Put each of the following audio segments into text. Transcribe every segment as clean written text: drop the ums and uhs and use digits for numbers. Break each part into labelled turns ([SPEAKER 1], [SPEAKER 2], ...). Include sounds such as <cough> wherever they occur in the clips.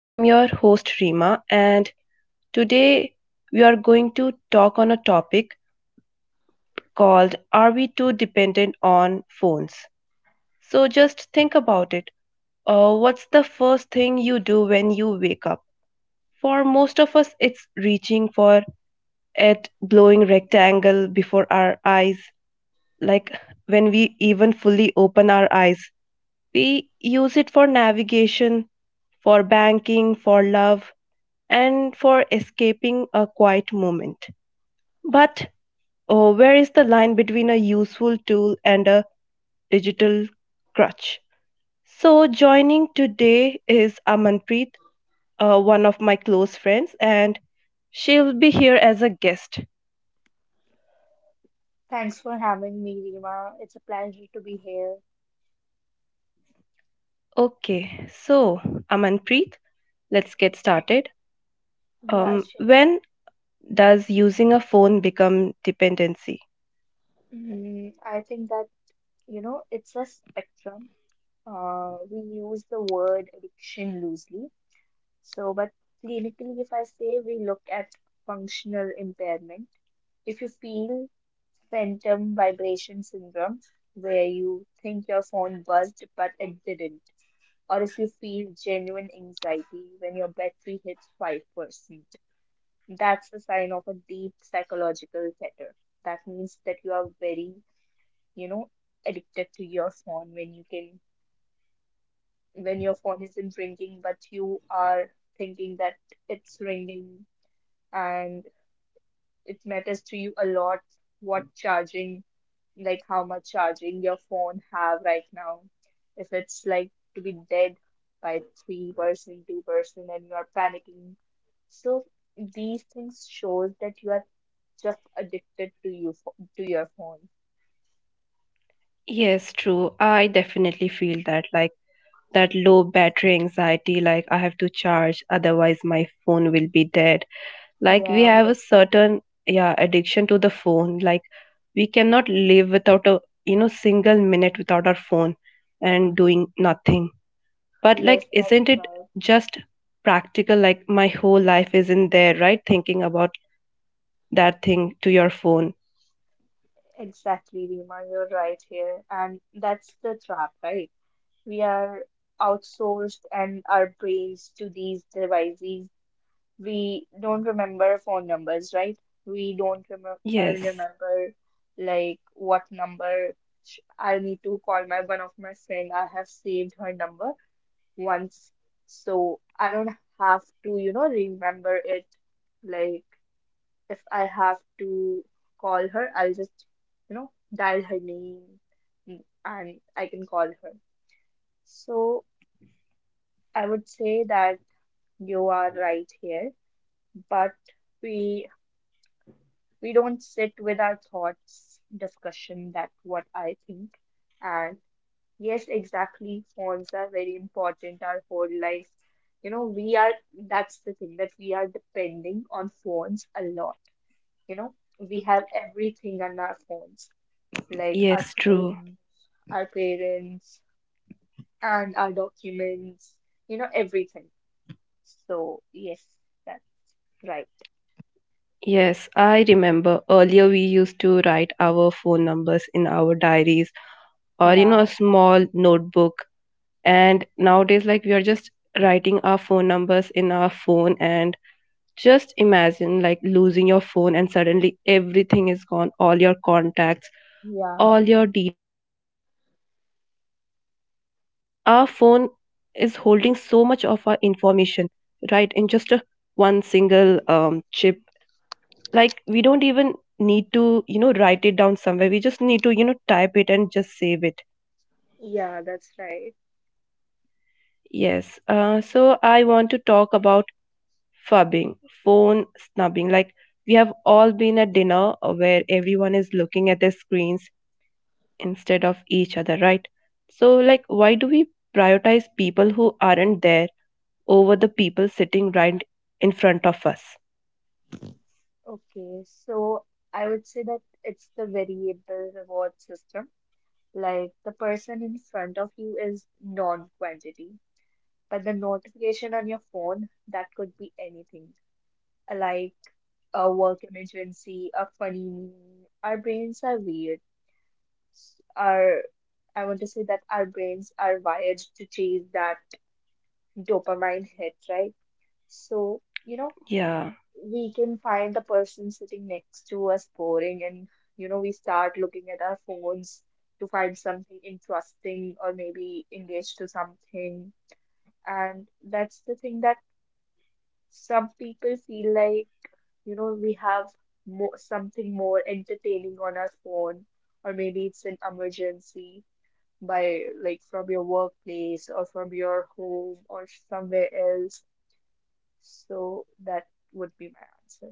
[SPEAKER 1] I'm your host, Rima, and today we are going to talk on a topic called Are We Too Dependent on Phones? So just think about it. What's the first thing you do when you wake up? For most of us, it's reaching for at glowing rectangle before our eyes, like when we even fully open our eyes. We use it for navigation, for banking, for love, and for escaping a quiet moment. But oh, where is the line between a useful tool and a digital crutch? So, joining today is Amanpreet, one of my close friends, and she'll be here as a guest.
[SPEAKER 2] Thanks for having me, Rima. It's a pleasure to be here.
[SPEAKER 1] Okay, so Amanpreet, let's get started.
[SPEAKER 2] Yeah, sure.
[SPEAKER 1] When does using a phone become dependency?
[SPEAKER 2] I think that, it's a spectrum. We use the word addiction loosely. But clinically, if I say we look at functional impairment, if you feel phantom vibration syndrome, where you think your phone buzzed but it didn't, or if you feel genuine anxiety when your battery hits 5%. That's a sign of a deep psychological chatter. That means that you are very, you know, addicted to your phone when your phone isn't ringing, but you are thinking that it's ringing, and it matters to you a lot what charging, like how much charging your phone have right now. If it's like to be dead by 3%, 2%, and you are panicking. So these things shows that you are just addicted to to your phone.
[SPEAKER 1] Yes, true. I definitely feel that like that low battery anxiety, like I have to charge, otherwise my phone will be dead. Like we
[SPEAKER 2] Yeah,
[SPEAKER 1] have
[SPEAKER 2] what,
[SPEAKER 1] a certain, yeah, addiction to the phone. Like we cannot live without a single minute without our phone and doing nothing. But
[SPEAKER 2] yes,
[SPEAKER 1] like
[SPEAKER 2] that's
[SPEAKER 1] isn't it
[SPEAKER 2] right.
[SPEAKER 1] just practical? Like my whole life is in there, right? Thinking about that thing to your phone.
[SPEAKER 2] Exactly, Rima, you're right here. And that's the trap, right? We are outsourced and our brains to these devices, we don't remember phone numbers, right? We don't remember
[SPEAKER 1] Yes.
[SPEAKER 2] remember like what number I need to call my one of my friend. I have saved her number once, so I don't have to, remember it. Like if I have to call her, I'll just, dial her name and I can call her. So I would say that you are right here, but we We don't sit with our thoughts, discussion, that's what I think. And yes, exactly, phones are very important our whole life. You know, we are, that's the thing that we are depending on phones a lot. You know, we have everything on our phones, like our
[SPEAKER 1] Yes, true.
[SPEAKER 2] friends, our parents, and our documents, everything. So, yes, that's right.
[SPEAKER 1] Yes, I remember earlier we used to write our phone numbers in our diaries or a
[SPEAKER 2] Yeah,
[SPEAKER 1] small notebook, and nowadays like we are just writing our phone numbers in our phone and just imagine like losing your phone and suddenly everything is gone, all your contacts,
[SPEAKER 2] yeah,
[SPEAKER 1] all your details. So like our phone is holding so much of our information right in just a one single chip. Like we don't even need to write it down somewhere, we just need to type it and just save it.
[SPEAKER 2] yeah, that's right.
[SPEAKER 1] Yes. So I want to talk about fubbing, phone snubbing. Like we have all been at dinner where everyone is looking at their screens instead of each other, right? So like why do we prioritize people who aren't there over the people sitting right in front of us?
[SPEAKER 2] Okay, so I would say that it's the variable reward system. Like the person in front of you is non-quantity, but the notification on your phone, that could be anything. Like a work emergency, a funny meme. Our brains are weird. Our, I want to say that our brains are wired to chase that dopamine hit, right? So,
[SPEAKER 1] Yeah.
[SPEAKER 2] we can find the person sitting next to us boring and we start looking at our phones to find something interesting or maybe engage to something, and that's the thing that some people feel like we have mo something more entertaining on our phone, or maybe it's an emergency by like from your workplace or from your home or somewhere else. So that would be my answer.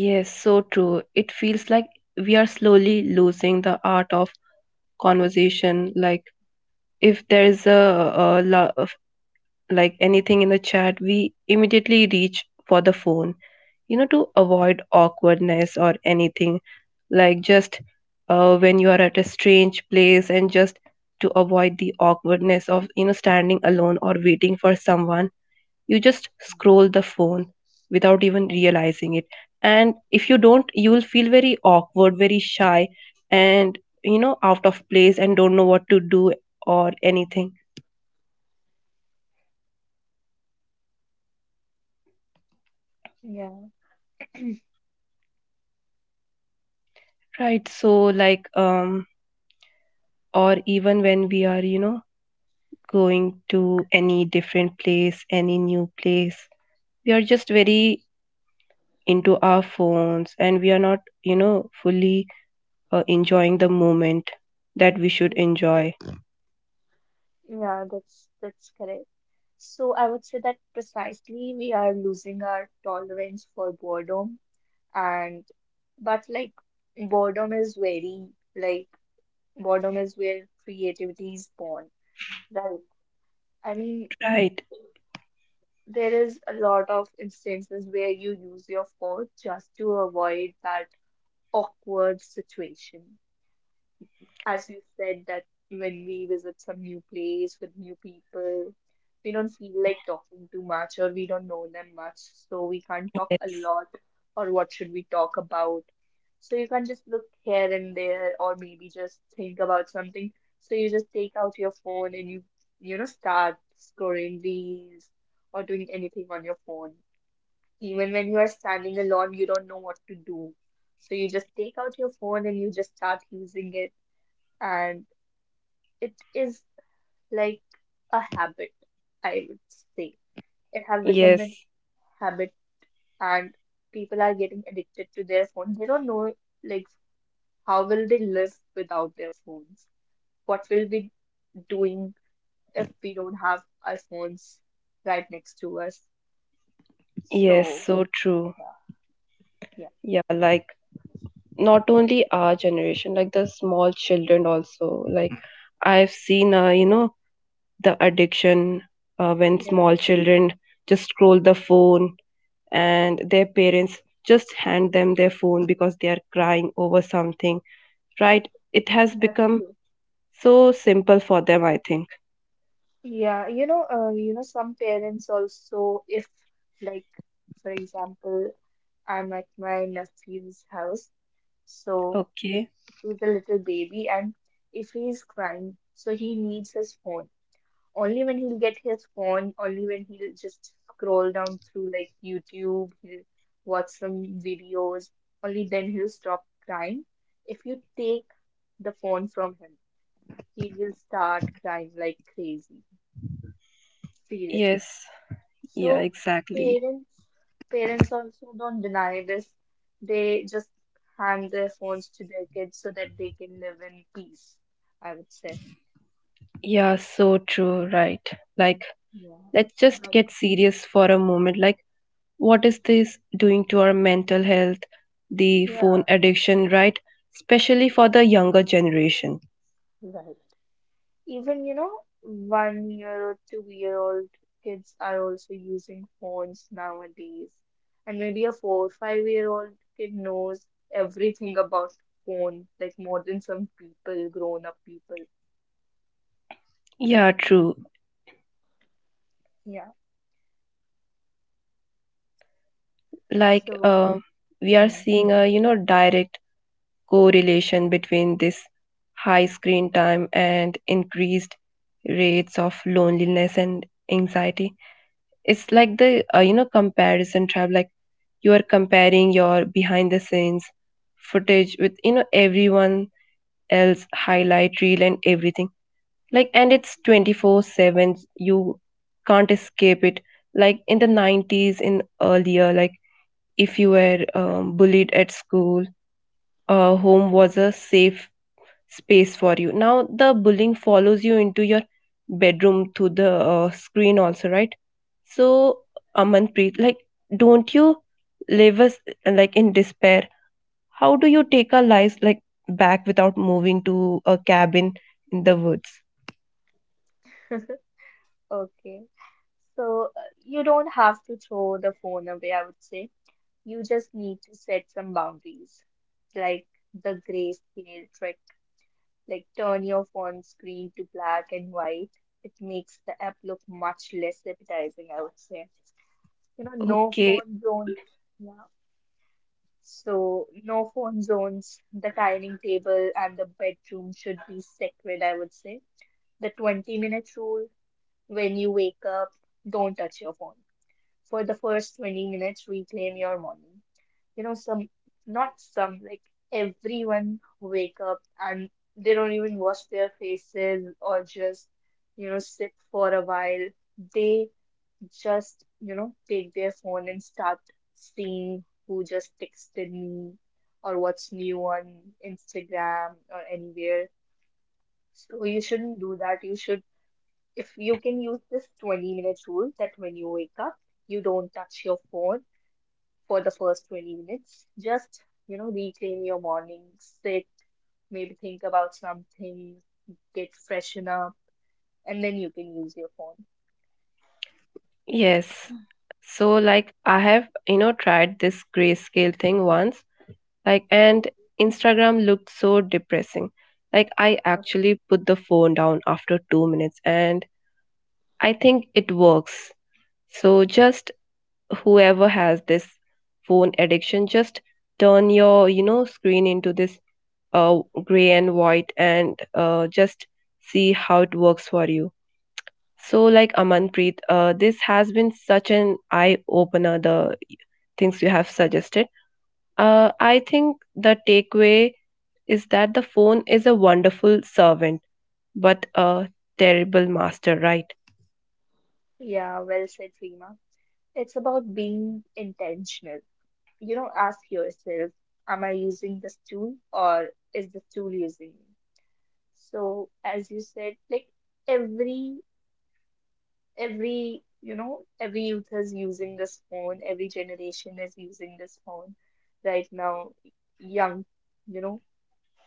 [SPEAKER 1] Yes, so true. It feels like we are slowly losing the art of conversation. Like if there is a like anything in the chat, we immediately reach for the phone to avoid awkwardness or anything. Like just when you are at a strange place and just to avoid the awkwardness of standing alone or waiting for someone, you just scroll the phone without even
[SPEAKER 2] Yeah, that's
[SPEAKER 1] realizing it. And if you don't, you will feel very awkward, very shy, and out of place and don't know what to do or anything,
[SPEAKER 2] right.
[SPEAKER 1] right? So like or even when we are going to any different place, any new place, we are just very into our phones and we are not fully enjoying the moment that we should
[SPEAKER 2] Mm,
[SPEAKER 1] enjoy,
[SPEAKER 2] yeah, that's correct. So I would say that precisely we are losing our tolerance for boredom and but like boredom is very like boredom is where creativity is born, right? I mean
[SPEAKER 1] right?
[SPEAKER 2] there is a lot of instances where you use your phone just to avoid that awkward situation. As you said, that when we visit some new place with new people, we don't feel like talking too much or we don't know them much, so we can't talk a
[SPEAKER 1] Yes.
[SPEAKER 2] lot or what should we talk about. So you can just look here and there or maybe just think about something. So you just take out your phone and you know start scrolling reels or doing anything on your phone. Even when you are standing alone, you don't know what to do. So you just take out your phone and you just start using it, and it is like a habit, I would say. It have become
[SPEAKER 1] Yes.
[SPEAKER 2] a habit, and people are getting addicted to their phone. They don't know like how will they live without their phones? What will we doing if we don't have our phones right next to us?
[SPEAKER 1] Yes,
[SPEAKER 2] So
[SPEAKER 1] so true.
[SPEAKER 2] yeah, yeah.
[SPEAKER 1] Yeah, like not only our generation, like the small children also. Like I've seen, the addiction when
[SPEAKER 2] Yeah,
[SPEAKER 1] small children just scroll the phone and their parents just hand them their phone because they are crying over something, right? It has
[SPEAKER 2] that's
[SPEAKER 1] become
[SPEAKER 2] true.
[SPEAKER 1] so simple for them, I think.
[SPEAKER 2] Yeah, some parents also, if like, for example, I'm at my nephew's house, so
[SPEAKER 1] Okay.
[SPEAKER 2] to the little baby, and if he's crying so he needs his phone, only when he'll get his phone, only when he'll just scroll down through like YouTube he'll watch some videos, only then he'll stop crying. If you take the phone from him he will start crying like crazy, seriously.
[SPEAKER 1] Yes. Yeah,
[SPEAKER 2] So
[SPEAKER 1] exactly.
[SPEAKER 2] parents parents also don't deny this. They just hand their phones to their kids so that they can live in peace, I would say.
[SPEAKER 1] Yeah, so true, right? Like,
[SPEAKER 2] Yeah.
[SPEAKER 1] let's just
[SPEAKER 2] But
[SPEAKER 1] get serious for a moment. Like, what is this doing to our mental health, the
[SPEAKER 2] yeah,
[SPEAKER 1] phone addiction, right? Especially for the younger generation.
[SPEAKER 2] right. Even, 1 year or 2 year old kids are also using phones nowadays. And maybe a 4 5 year old kid knows everything about phone, like more than some people, grown up people.
[SPEAKER 1] Yeah, true.
[SPEAKER 2] Yeah.
[SPEAKER 1] Like
[SPEAKER 2] So
[SPEAKER 1] we are
[SPEAKER 2] Hmm.
[SPEAKER 1] seeing a direct correlation between this high screen time and increased rates of loneliness and anxiety. It's like the comparison trap. Like you are comparing your behind the scenes footage with everyone else highlight reel and everything, like, and it's 24/7, you can't escape it. Like in the '90s, in earlier, like if you were bullied at school, home was a safe space for you. Now the bullying follows you into your bedroom through the screen also, right? So Amanpreet, like, don't you live us like in despair? How do you take our lives like back without moving to a cabin in the woods?
[SPEAKER 2] <laughs> Okay. So you don't have to throw the phone away, I would say. You just need to set some boundaries, like the grayscale trick, like turn your phone screen to black and white. It makes the app look much less appetizing, I would say. You know, no
[SPEAKER 1] Okay.
[SPEAKER 2] phone zone. Yeah. So no phone zones, the dining table and the bedroom should be sacred, I would say. The 20-minute rule, when you wake up, don't touch your phone for the first 20 minutes, reclaim your morning. You know some not some like everyone wake up and they don't even wash their faces or just sit for a while, they just take their phone and start seeing who just texted me or what's new on Instagram or anywhere. So you shouldn't do that, you should, if you can use this 20 minutes rule that when you wake up you don't touch your phone for the first 20 minutes. Just, reclaim your morning, sit, maybe think about something, get freshen up, and then you can use your phone.
[SPEAKER 1] Yes. So like I have, tried this grayscale thing once, like, and
[SPEAKER 2] Okay.
[SPEAKER 1] Instagram looked so depressing. Like I
[SPEAKER 2] Okay.
[SPEAKER 1] actually put the phone down after 2 minutes, and I think it works. So just whoever has this phone addiction, just turn your, screen into this gray and white, and just see how it works for you. So, like Amanpreet, this has been such an eye opener, the things you have suggested. I think the takeaway is that the phone is a wonderful servant, but a terrible master, right?
[SPEAKER 2] Yeah, well said, Reema. It's about being intentional. You know, ask yourself, am I using this tool or is this tool using me? So, as you said, like every every youth is using this phone, every generation is using this phone right now, young, you know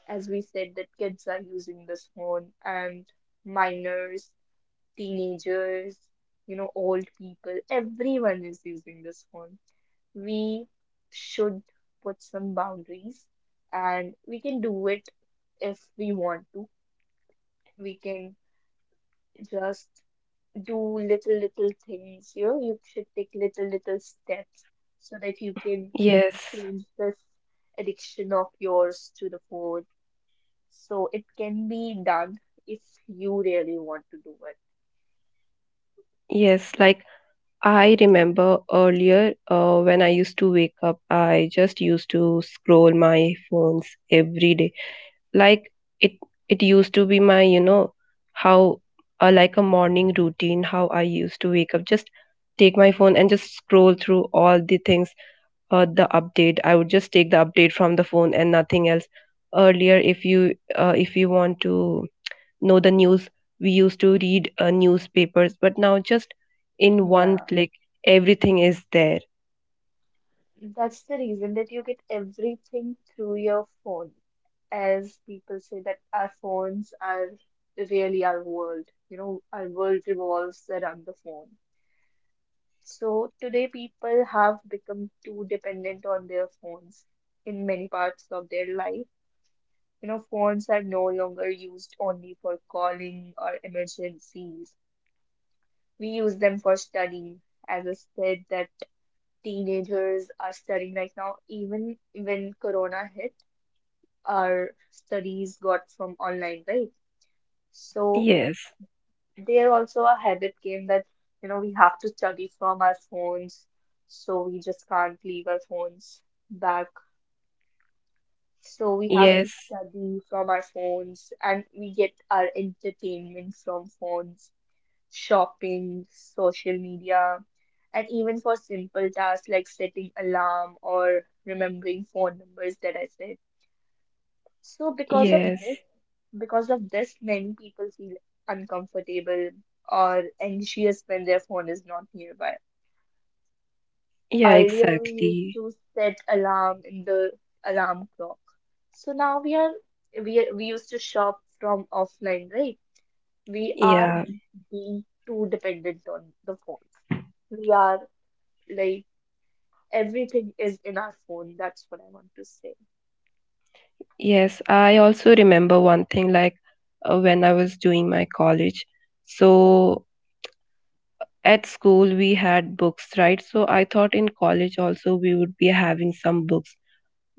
[SPEAKER 2] as we said that kids are using this phone, and minors, teenagers, old people, everyone is using this phone. We should put some boundaries, and we can do it. If we want to, we can just do little little things. You know, you should take little little steps so that you can
[SPEAKER 1] Yes.
[SPEAKER 2] change this addiction of yours to the phone. So it can be done if you really want to do it.
[SPEAKER 1] Yes. Like I remember earlier when I used to wake up, I just used to scroll my phones every day. Like it it used to be my how like a morning routine, how I used to wake up. Just take my phone and just scroll through all the things. The update, I would just take the update from the phone and nothing else. Earlier, if you want to know the news, we used to read newspapers, but now just in one
[SPEAKER 2] Yeah.
[SPEAKER 1] click everything is there.
[SPEAKER 2] That's the reason that you get everything through your phone. As people say that our phones are really our world, our world revolves around the phone. So today people have become too dependent on their phones in many parts of their life. You know, phones are no longer used only for calling or emergencies. We use them for studying. As I said, that teenagers are studying right now. Even when Corona hit, our studies got from online, right? So
[SPEAKER 1] Yes.
[SPEAKER 2] there also a habit came that we have to study from our phones, so we just can't leave our phones back. So we have to
[SPEAKER 1] Yes.
[SPEAKER 2] study from our phones, and we get our entertainment from phones, shopping, social media, and even for simple tasks like setting alarm or remembering phone numbers that I said. So
[SPEAKER 1] Yes.
[SPEAKER 2] because of this, many people feel uncomfortable or anxious when their phone is not nearby.
[SPEAKER 1] Yeah,
[SPEAKER 2] Earlier, we used
[SPEAKER 1] exactly.
[SPEAKER 2] to set alarm in the alarm clock. So now we used to shop from offline, right? We are
[SPEAKER 1] Yeah.
[SPEAKER 2] being too dependent on the phones. We are like everything is in our phone. That's what I want to say.
[SPEAKER 1] Yes, I also remember one thing. Like when I was doing my college.
[SPEAKER 2] Yeah.
[SPEAKER 1] So at school we had books, right? So I thought in college also we would be having some books.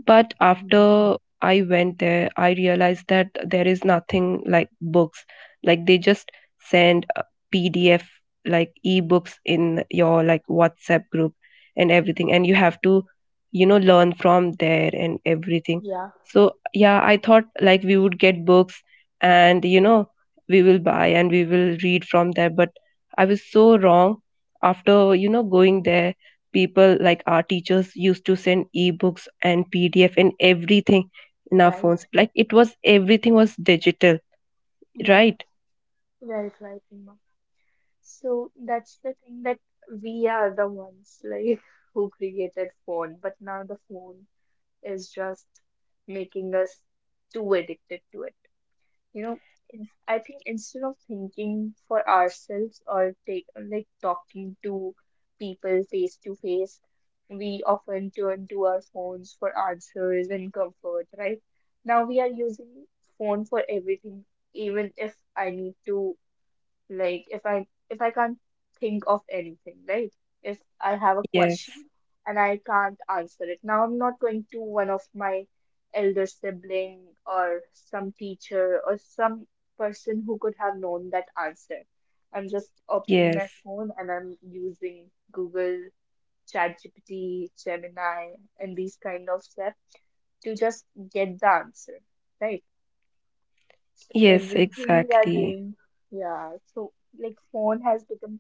[SPEAKER 1] But
[SPEAKER 2] Mm.
[SPEAKER 1] after I went there, I realized that there is nothing like books. Like they just send a PDF, like ebooks, in your like WhatsApp group and everything, and you have to learn from there and everything.
[SPEAKER 2] Yeah.
[SPEAKER 1] So yeah, I thought like we would get books and we will buy and we will read from there, but I was so wrong. After going there, people like our teachers used to send ebooks and pdf and everything in our phones,
[SPEAKER 2] Right.
[SPEAKER 1] like it was, everything was digital,
[SPEAKER 2] Yeah.
[SPEAKER 1] right?
[SPEAKER 2] Right. Right. Uma. So that's the thing that we are the ones like <laughs> who created phone, but now the phone is just making us too addicted to it. You know, I think instead of thinking for ourselves or take like talking to people face to face, we often turn to our phones for answers and comfort, right? Now we are using phone for everything, even if I need to, like if I can't think of anything, right? If I have a
[SPEAKER 1] Yes.
[SPEAKER 2] question and I can't answer it. Now I'm not going to one of my elder sibling or some teacher or some person who could have known that answer. I'm just opening
[SPEAKER 1] Yes.
[SPEAKER 2] my phone and I'm using Google, ChatGPT, Gemini, and these kind of stuff to just get the answer, right? Just
[SPEAKER 1] Yes,
[SPEAKER 2] everything we are
[SPEAKER 1] exactly.
[SPEAKER 2] doing. Yeah, so like phone has become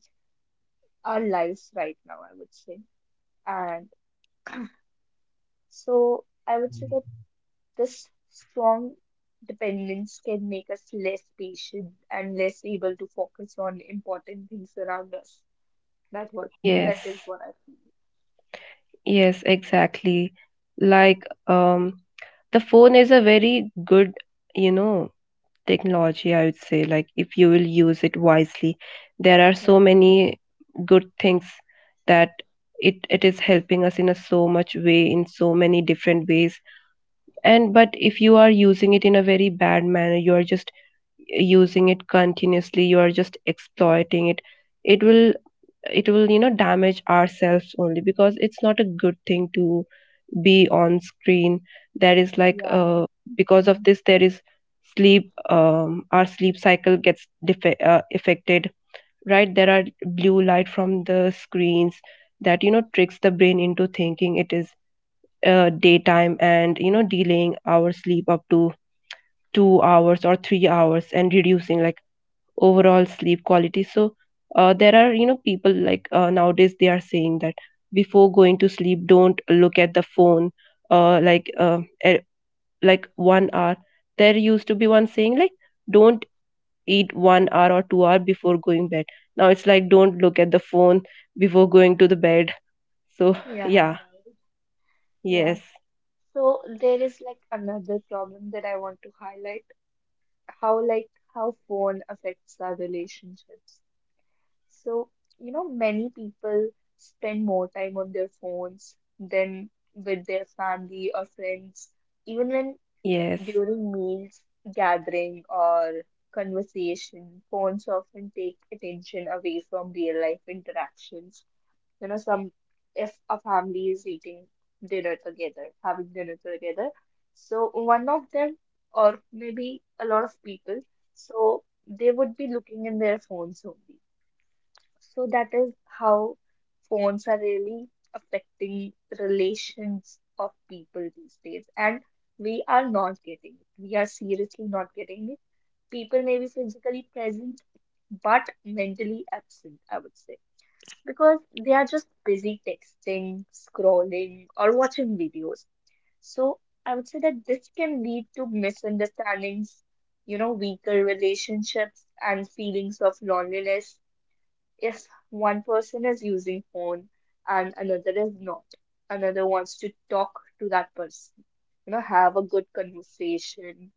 [SPEAKER 2] our lives right now, I would say. And so I would say that this strong dependence can make us less patient and less able to focus on important things around us. That what
[SPEAKER 1] Yes.
[SPEAKER 2] that is what I feel.
[SPEAKER 1] Yes, exactly. Like um the phone is a very good you know technology, I would say. Like if you will use it wisely, there are so
[SPEAKER 2] Yeah,
[SPEAKER 1] many good things that it is helping us in a so much way, in so many different ways. And but if you are using it in a very bad manner, you are just, using it continuously, you are just exploiting it. It will, damage ourselves only, because it's not a good thing to be on screen. There is like
[SPEAKER 2] yeah,
[SPEAKER 1] because of this there is sleep, our sleep cycle gets affected, right? There are blue light from the screens that tricks the brain into thinking it is daytime, and delaying our sleep up to 2 hours or 3 hours and reducing like overall sleep quality. So there are people like nowadays they are saying that before going to sleep, don't look at the phone, like like 1 hour. There used to be one saying like, don't eat 1 hour or 2 hour before going bed. Now it's like, don't look at the phone before going to the bed. So <laughs>
[SPEAKER 2] yeah,
[SPEAKER 1] yeah.
[SPEAKER 2] yeah.
[SPEAKER 1] Yes.
[SPEAKER 2] So there is like another problem that I want to highlight, how like how phone affects our relationships. So, you know, many people spend more time on their phones than with their family or friends, even when
[SPEAKER 1] Yes.
[SPEAKER 2] during meals, gathering, or conversation, phones often take attention away from real life interactions. You know, some if a family is eating dinner together, having dinner together, so one of them, or maybe a lot of people, so they would be looking in their phones only so that is how phones are really affecting relations of people these days. And we are not getting it. We are seriously not getting it. People may be physically present, but mentally absent, I would say, because they are just busy texting, scrolling, or watching videos. So I would say that this can lead to misunderstandings, you know, weaker relationships and feelings of loneliness if one person is using phone and another is not, another wants to talk to that person, you know, have a good conversation,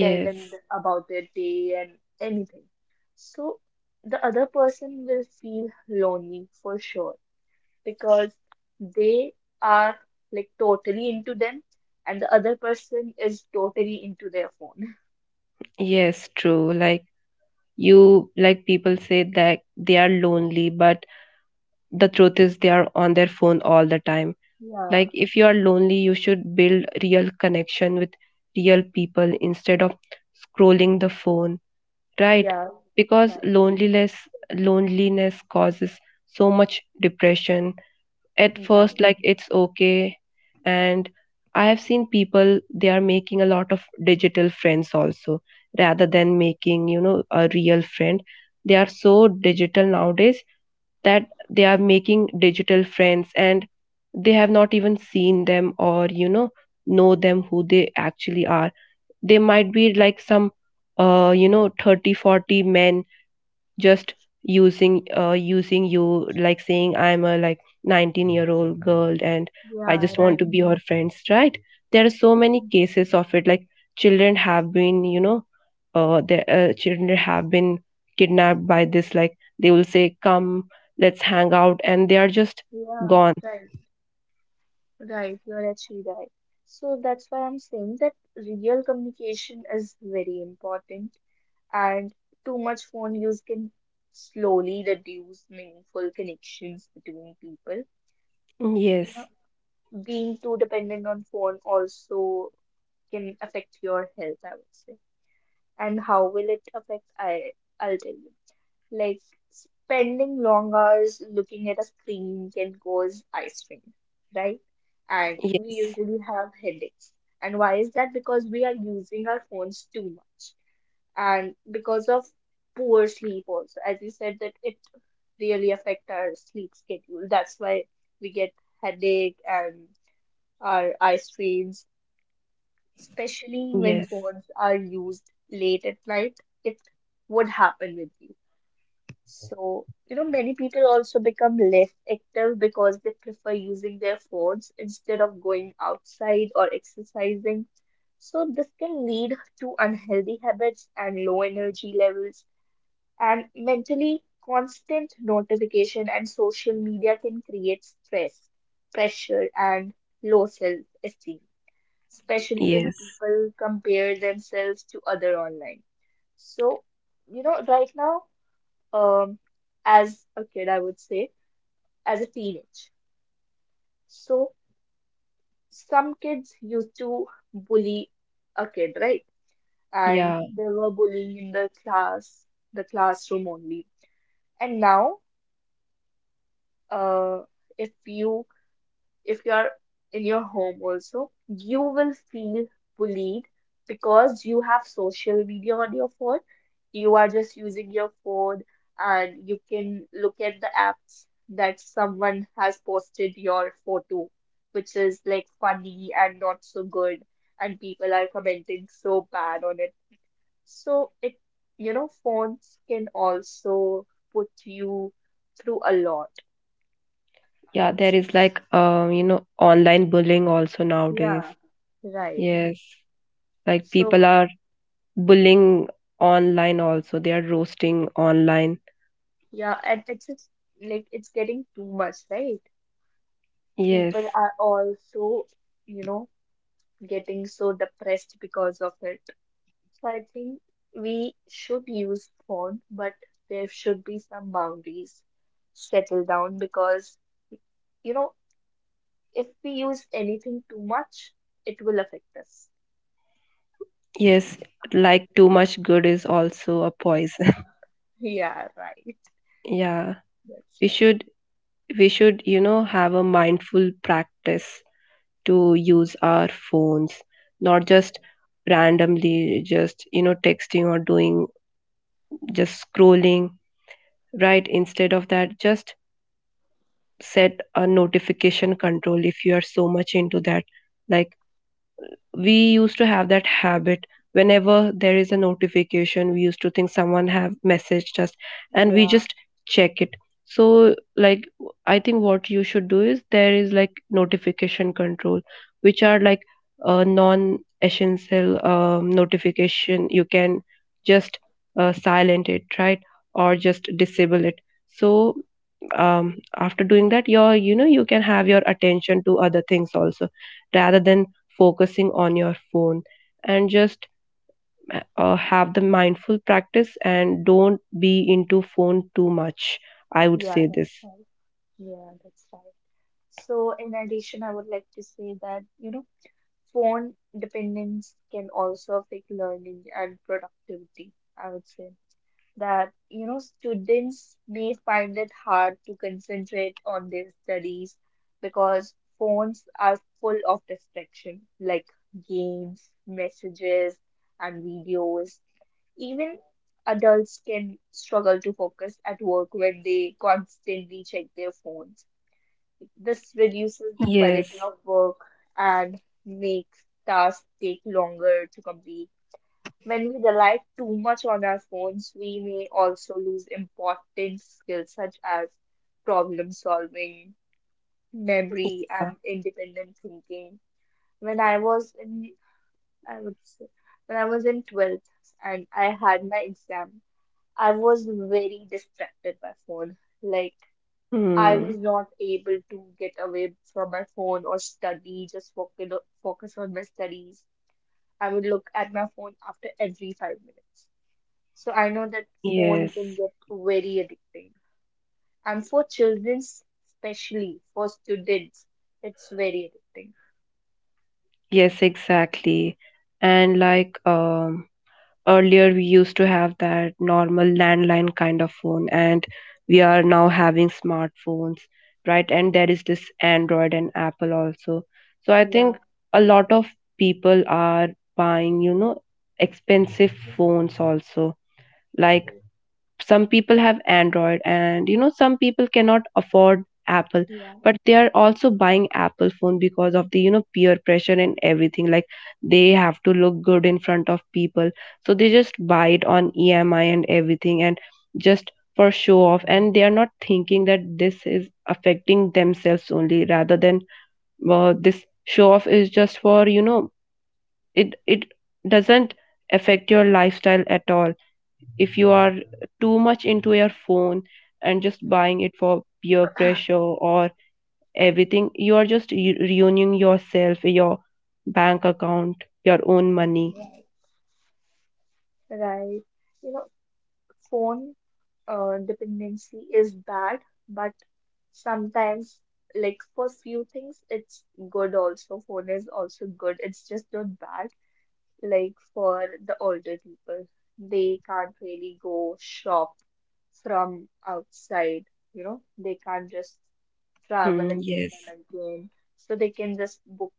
[SPEAKER 2] tell them about their day and anything. So the other person will feel lonely for sure because they are like totally into them and the other person is totally into their phone. <laughs>
[SPEAKER 1] Yes, true. Like you, like people say that they are lonely, but the truth is they are on their phone all the time.
[SPEAKER 2] Yeah,
[SPEAKER 1] Like if you are lonely, you should build real connection with real people instead of scrolling the phone, right?
[SPEAKER 2] yeah,
[SPEAKER 1] Because
[SPEAKER 2] right,
[SPEAKER 1] loneliness causes so much depression. At first
[SPEAKER 2] right.
[SPEAKER 1] like it's okay, and I have seen people, they are making a lot of digital friends also rather than making a real friend. They are so digital nowadays that they are making digital friends and they have not even seen them or know them, who they actually are. They might be like some 30, 40 men, just using you, like saying I'm a like 19-year-old girl, and I
[SPEAKER 2] Yeah,
[SPEAKER 1] just want
[SPEAKER 2] right.
[SPEAKER 1] to be your friends, right? There are so many cases of it. Like children have been, you know the children have been kidnapped by this. Like they will say, come, let's hang out, and they are just
[SPEAKER 2] Yeah,
[SPEAKER 1] gone.
[SPEAKER 2] right, right. You're actually right. So that's why I'm saying that real communication is very important, and too much phone use can slowly reduce meaningful connections between people. You
[SPEAKER 1] Yes.
[SPEAKER 2] know, being too dependent on phone also can affect your health, I would say. And how will it affect? I'll tell you. Like spending long hours looking at a screen can cause eye strain, right? And we
[SPEAKER 1] Yes.
[SPEAKER 2] usually have headaches. And why is that? Because we are using our phones too much. And because of poor sleep also, as you said, that it really affect our sleep schedule. That's why we get headache and our eye strains, especially when
[SPEAKER 1] Yes.
[SPEAKER 2] phones are used late at night. It would happen with you. So, you know, many people also become less active because they prefer using their phones instead of going outside or exercising. So, this can lead to unhealthy habits and low energy levels, and mentally, constant notification and social media can create stress, pressure, and low self-esteem, especially when
[SPEAKER 1] Yes.
[SPEAKER 2] people compare themselves to other online. So, you know, right now, um, as a kid, I would say, as a teenage. So some kids used to bully a kid, right? And
[SPEAKER 1] Yeah.
[SPEAKER 2] they were bullying in the class, the classroom only. And now, uh, if you if you are in your home also, you will feel bullied because you have social media on your phone. You are just using your phone and you can look at the apps that someone has posted your photo, which is like funny and not so good, and people are commenting so bad on it. So it, you know, phones can also put you through a lot, I
[SPEAKER 1] Yeah,
[SPEAKER 2] would
[SPEAKER 1] there
[SPEAKER 2] say.
[SPEAKER 1] is like online bullying also nowadays.
[SPEAKER 2] Yeah, right.
[SPEAKER 1] Yes. Like people
[SPEAKER 2] So
[SPEAKER 1] are bullying online also, they are roasting online.
[SPEAKER 2] yeah, and it's just, like it's getting too much, right?
[SPEAKER 1] Yes.
[SPEAKER 2] People are also, you know, getting so depressed because of it. So I think we should use phone, but there should be some boundaries. Settle down because you know, if we use anything too much, it will affect us.
[SPEAKER 1] Yes. Like too much good is also a poison.
[SPEAKER 2] Yeah, right.
[SPEAKER 1] <laughs> Yeah.
[SPEAKER 2] That's
[SPEAKER 1] We
[SPEAKER 2] right.
[SPEAKER 1] should, have a mindful practice to use our phones, not just randomly, just texting or doing, just scrolling, right? Instead of that, just set a notification control if you are so much into that. Like we used to have that habit, whenever there is a notification we used to think someone have messaged us, and we
[SPEAKER 2] Yeah,
[SPEAKER 1] just check it. So like, I think what you should do is, there is like notification control, which are like non essential notification. You can just silent it, right? Or just disable it. So after doing that, your, you can have your attention to other things also rather than focusing on your phone, and just have the mindful practice and don't be into phone too much, I would
[SPEAKER 2] yeah,
[SPEAKER 1] say
[SPEAKER 2] that's
[SPEAKER 1] this.
[SPEAKER 2] right. Yeah, that's right. So in addition, I would like to say that, you know, phone dependence can also affect learning and productivity, I would say. That, you know, students may find it hard to concentrate on their studies because phones are full of distraction, like games, messages, and videos. Even adults can struggle to focus at work when they constantly check their phones. This reduces the quality
[SPEAKER 1] Yes.
[SPEAKER 2] of work and makes tasks take longer to complete. When we rely too much on our phones, we may also lose important skills such as problem solving, memory,
[SPEAKER 1] uh,
[SPEAKER 2] and independent thinking. When I was in, I would say, when I was in 12th and I had my exam, I was very distracted by phone. Like, I
[SPEAKER 1] hmm.
[SPEAKER 2] was not able to get away from my phone or study, just focus on my studies. I would look at my phone after every 5 minutes. So I know that phone
[SPEAKER 1] Yes.
[SPEAKER 2] can get very addicting. And for children, especially for students, it's very addicting.
[SPEAKER 1] Yes, exactly. And like earlier we used to have that normal landline kind of phone, and we are now having smartphones, right? And there is this android and apple also. So I think
[SPEAKER 2] Yeah,
[SPEAKER 1] a lot of people are buying expensive phones also. Like some people have android, and some people cannot afford apple,
[SPEAKER 2] yeah,
[SPEAKER 1] but they are also buying apple phone because of the peer pressure and everything, like they have to look good in front of people. So they just buy it on emi and everything, and just for show off, and they are not thinking that this is affecting themselves only, rather than, this show off is just for, it doesn't affect your lifestyle at all. If you are too much into your phone and just buying it for peer
[SPEAKER 2] <clears throat>
[SPEAKER 1] pressure or everything, you are just ruining yourself, your bank account, your own money.
[SPEAKER 2] right. Right. You know, phone dependency is bad, but sometimes, like for few things, it's good also. Phone is also good. It's just not bad. Like for the older people, they can't really go shop from outside. You know, they can't just travel
[SPEAKER 1] Hmm,
[SPEAKER 2] again
[SPEAKER 1] yes.
[SPEAKER 2] and again. So they can just book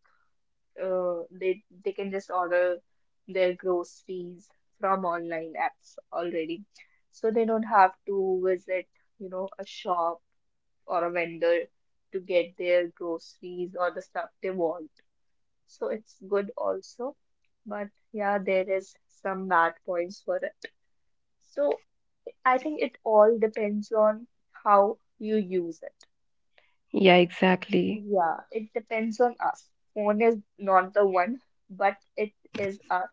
[SPEAKER 2] uh, they they can just order their groceries from online apps already. So they don't have to visit, you know, a shop or a vendor to get their groceries or the stuff they want. So it's good also. But yeah, there is some bad points for it. So I think it all depends on how you use it.
[SPEAKER 1] Yeah, exactly.
[SPEAKER 2] Yeah, it depends on us. Phone is not the one, but it is us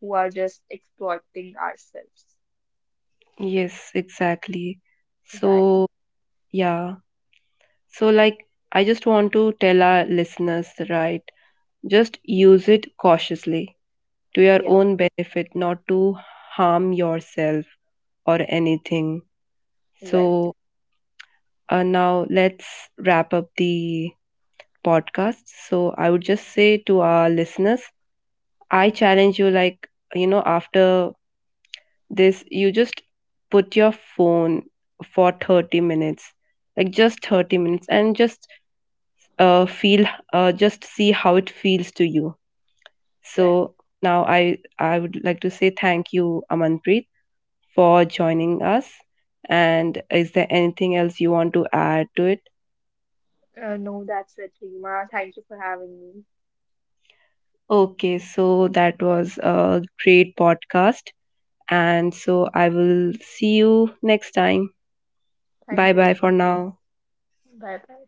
[SPEAKER 2] who are just exploiting ourselves.
[SPEAKER 1] Yes, exactly.
[SPEAKER 2] Right.
[SPEAKER 1] So, yeah. So, like, I just want to tell our listeners, right? Just use it cautiously to your
[SPEAKER 2] Yeah,
[SPEAKER 1] own benefit, not to harm yourself or anything.
[SPEAKER 2] right,
[SPEAKER 1] So, now, let's wrap up the podcast. So, I would just say to our listeners, I challenge you, like, after this, you just put your phone for 30 minutes, like just 30 minutes, and just feel, just see how it feels to you.
[SPEAKER 2] right.
[SPEAKER 1] So, now I would like to say thank you, Amanpreet, for joining us. And is there anything else you want to add to it?
[SPEAKER 2] No, that's it, Rima. Thank you for having me.
[SPEAKER 1] Okay, so that was a great podcast. And so I will see you next time. Bye
[SPEAKER 2] Thank you,
[SPEAKER 1] bye
[SPEAKER 2] Rima.
[SPEAKER 1] for now.
[SPEAKER 2] Bye bye.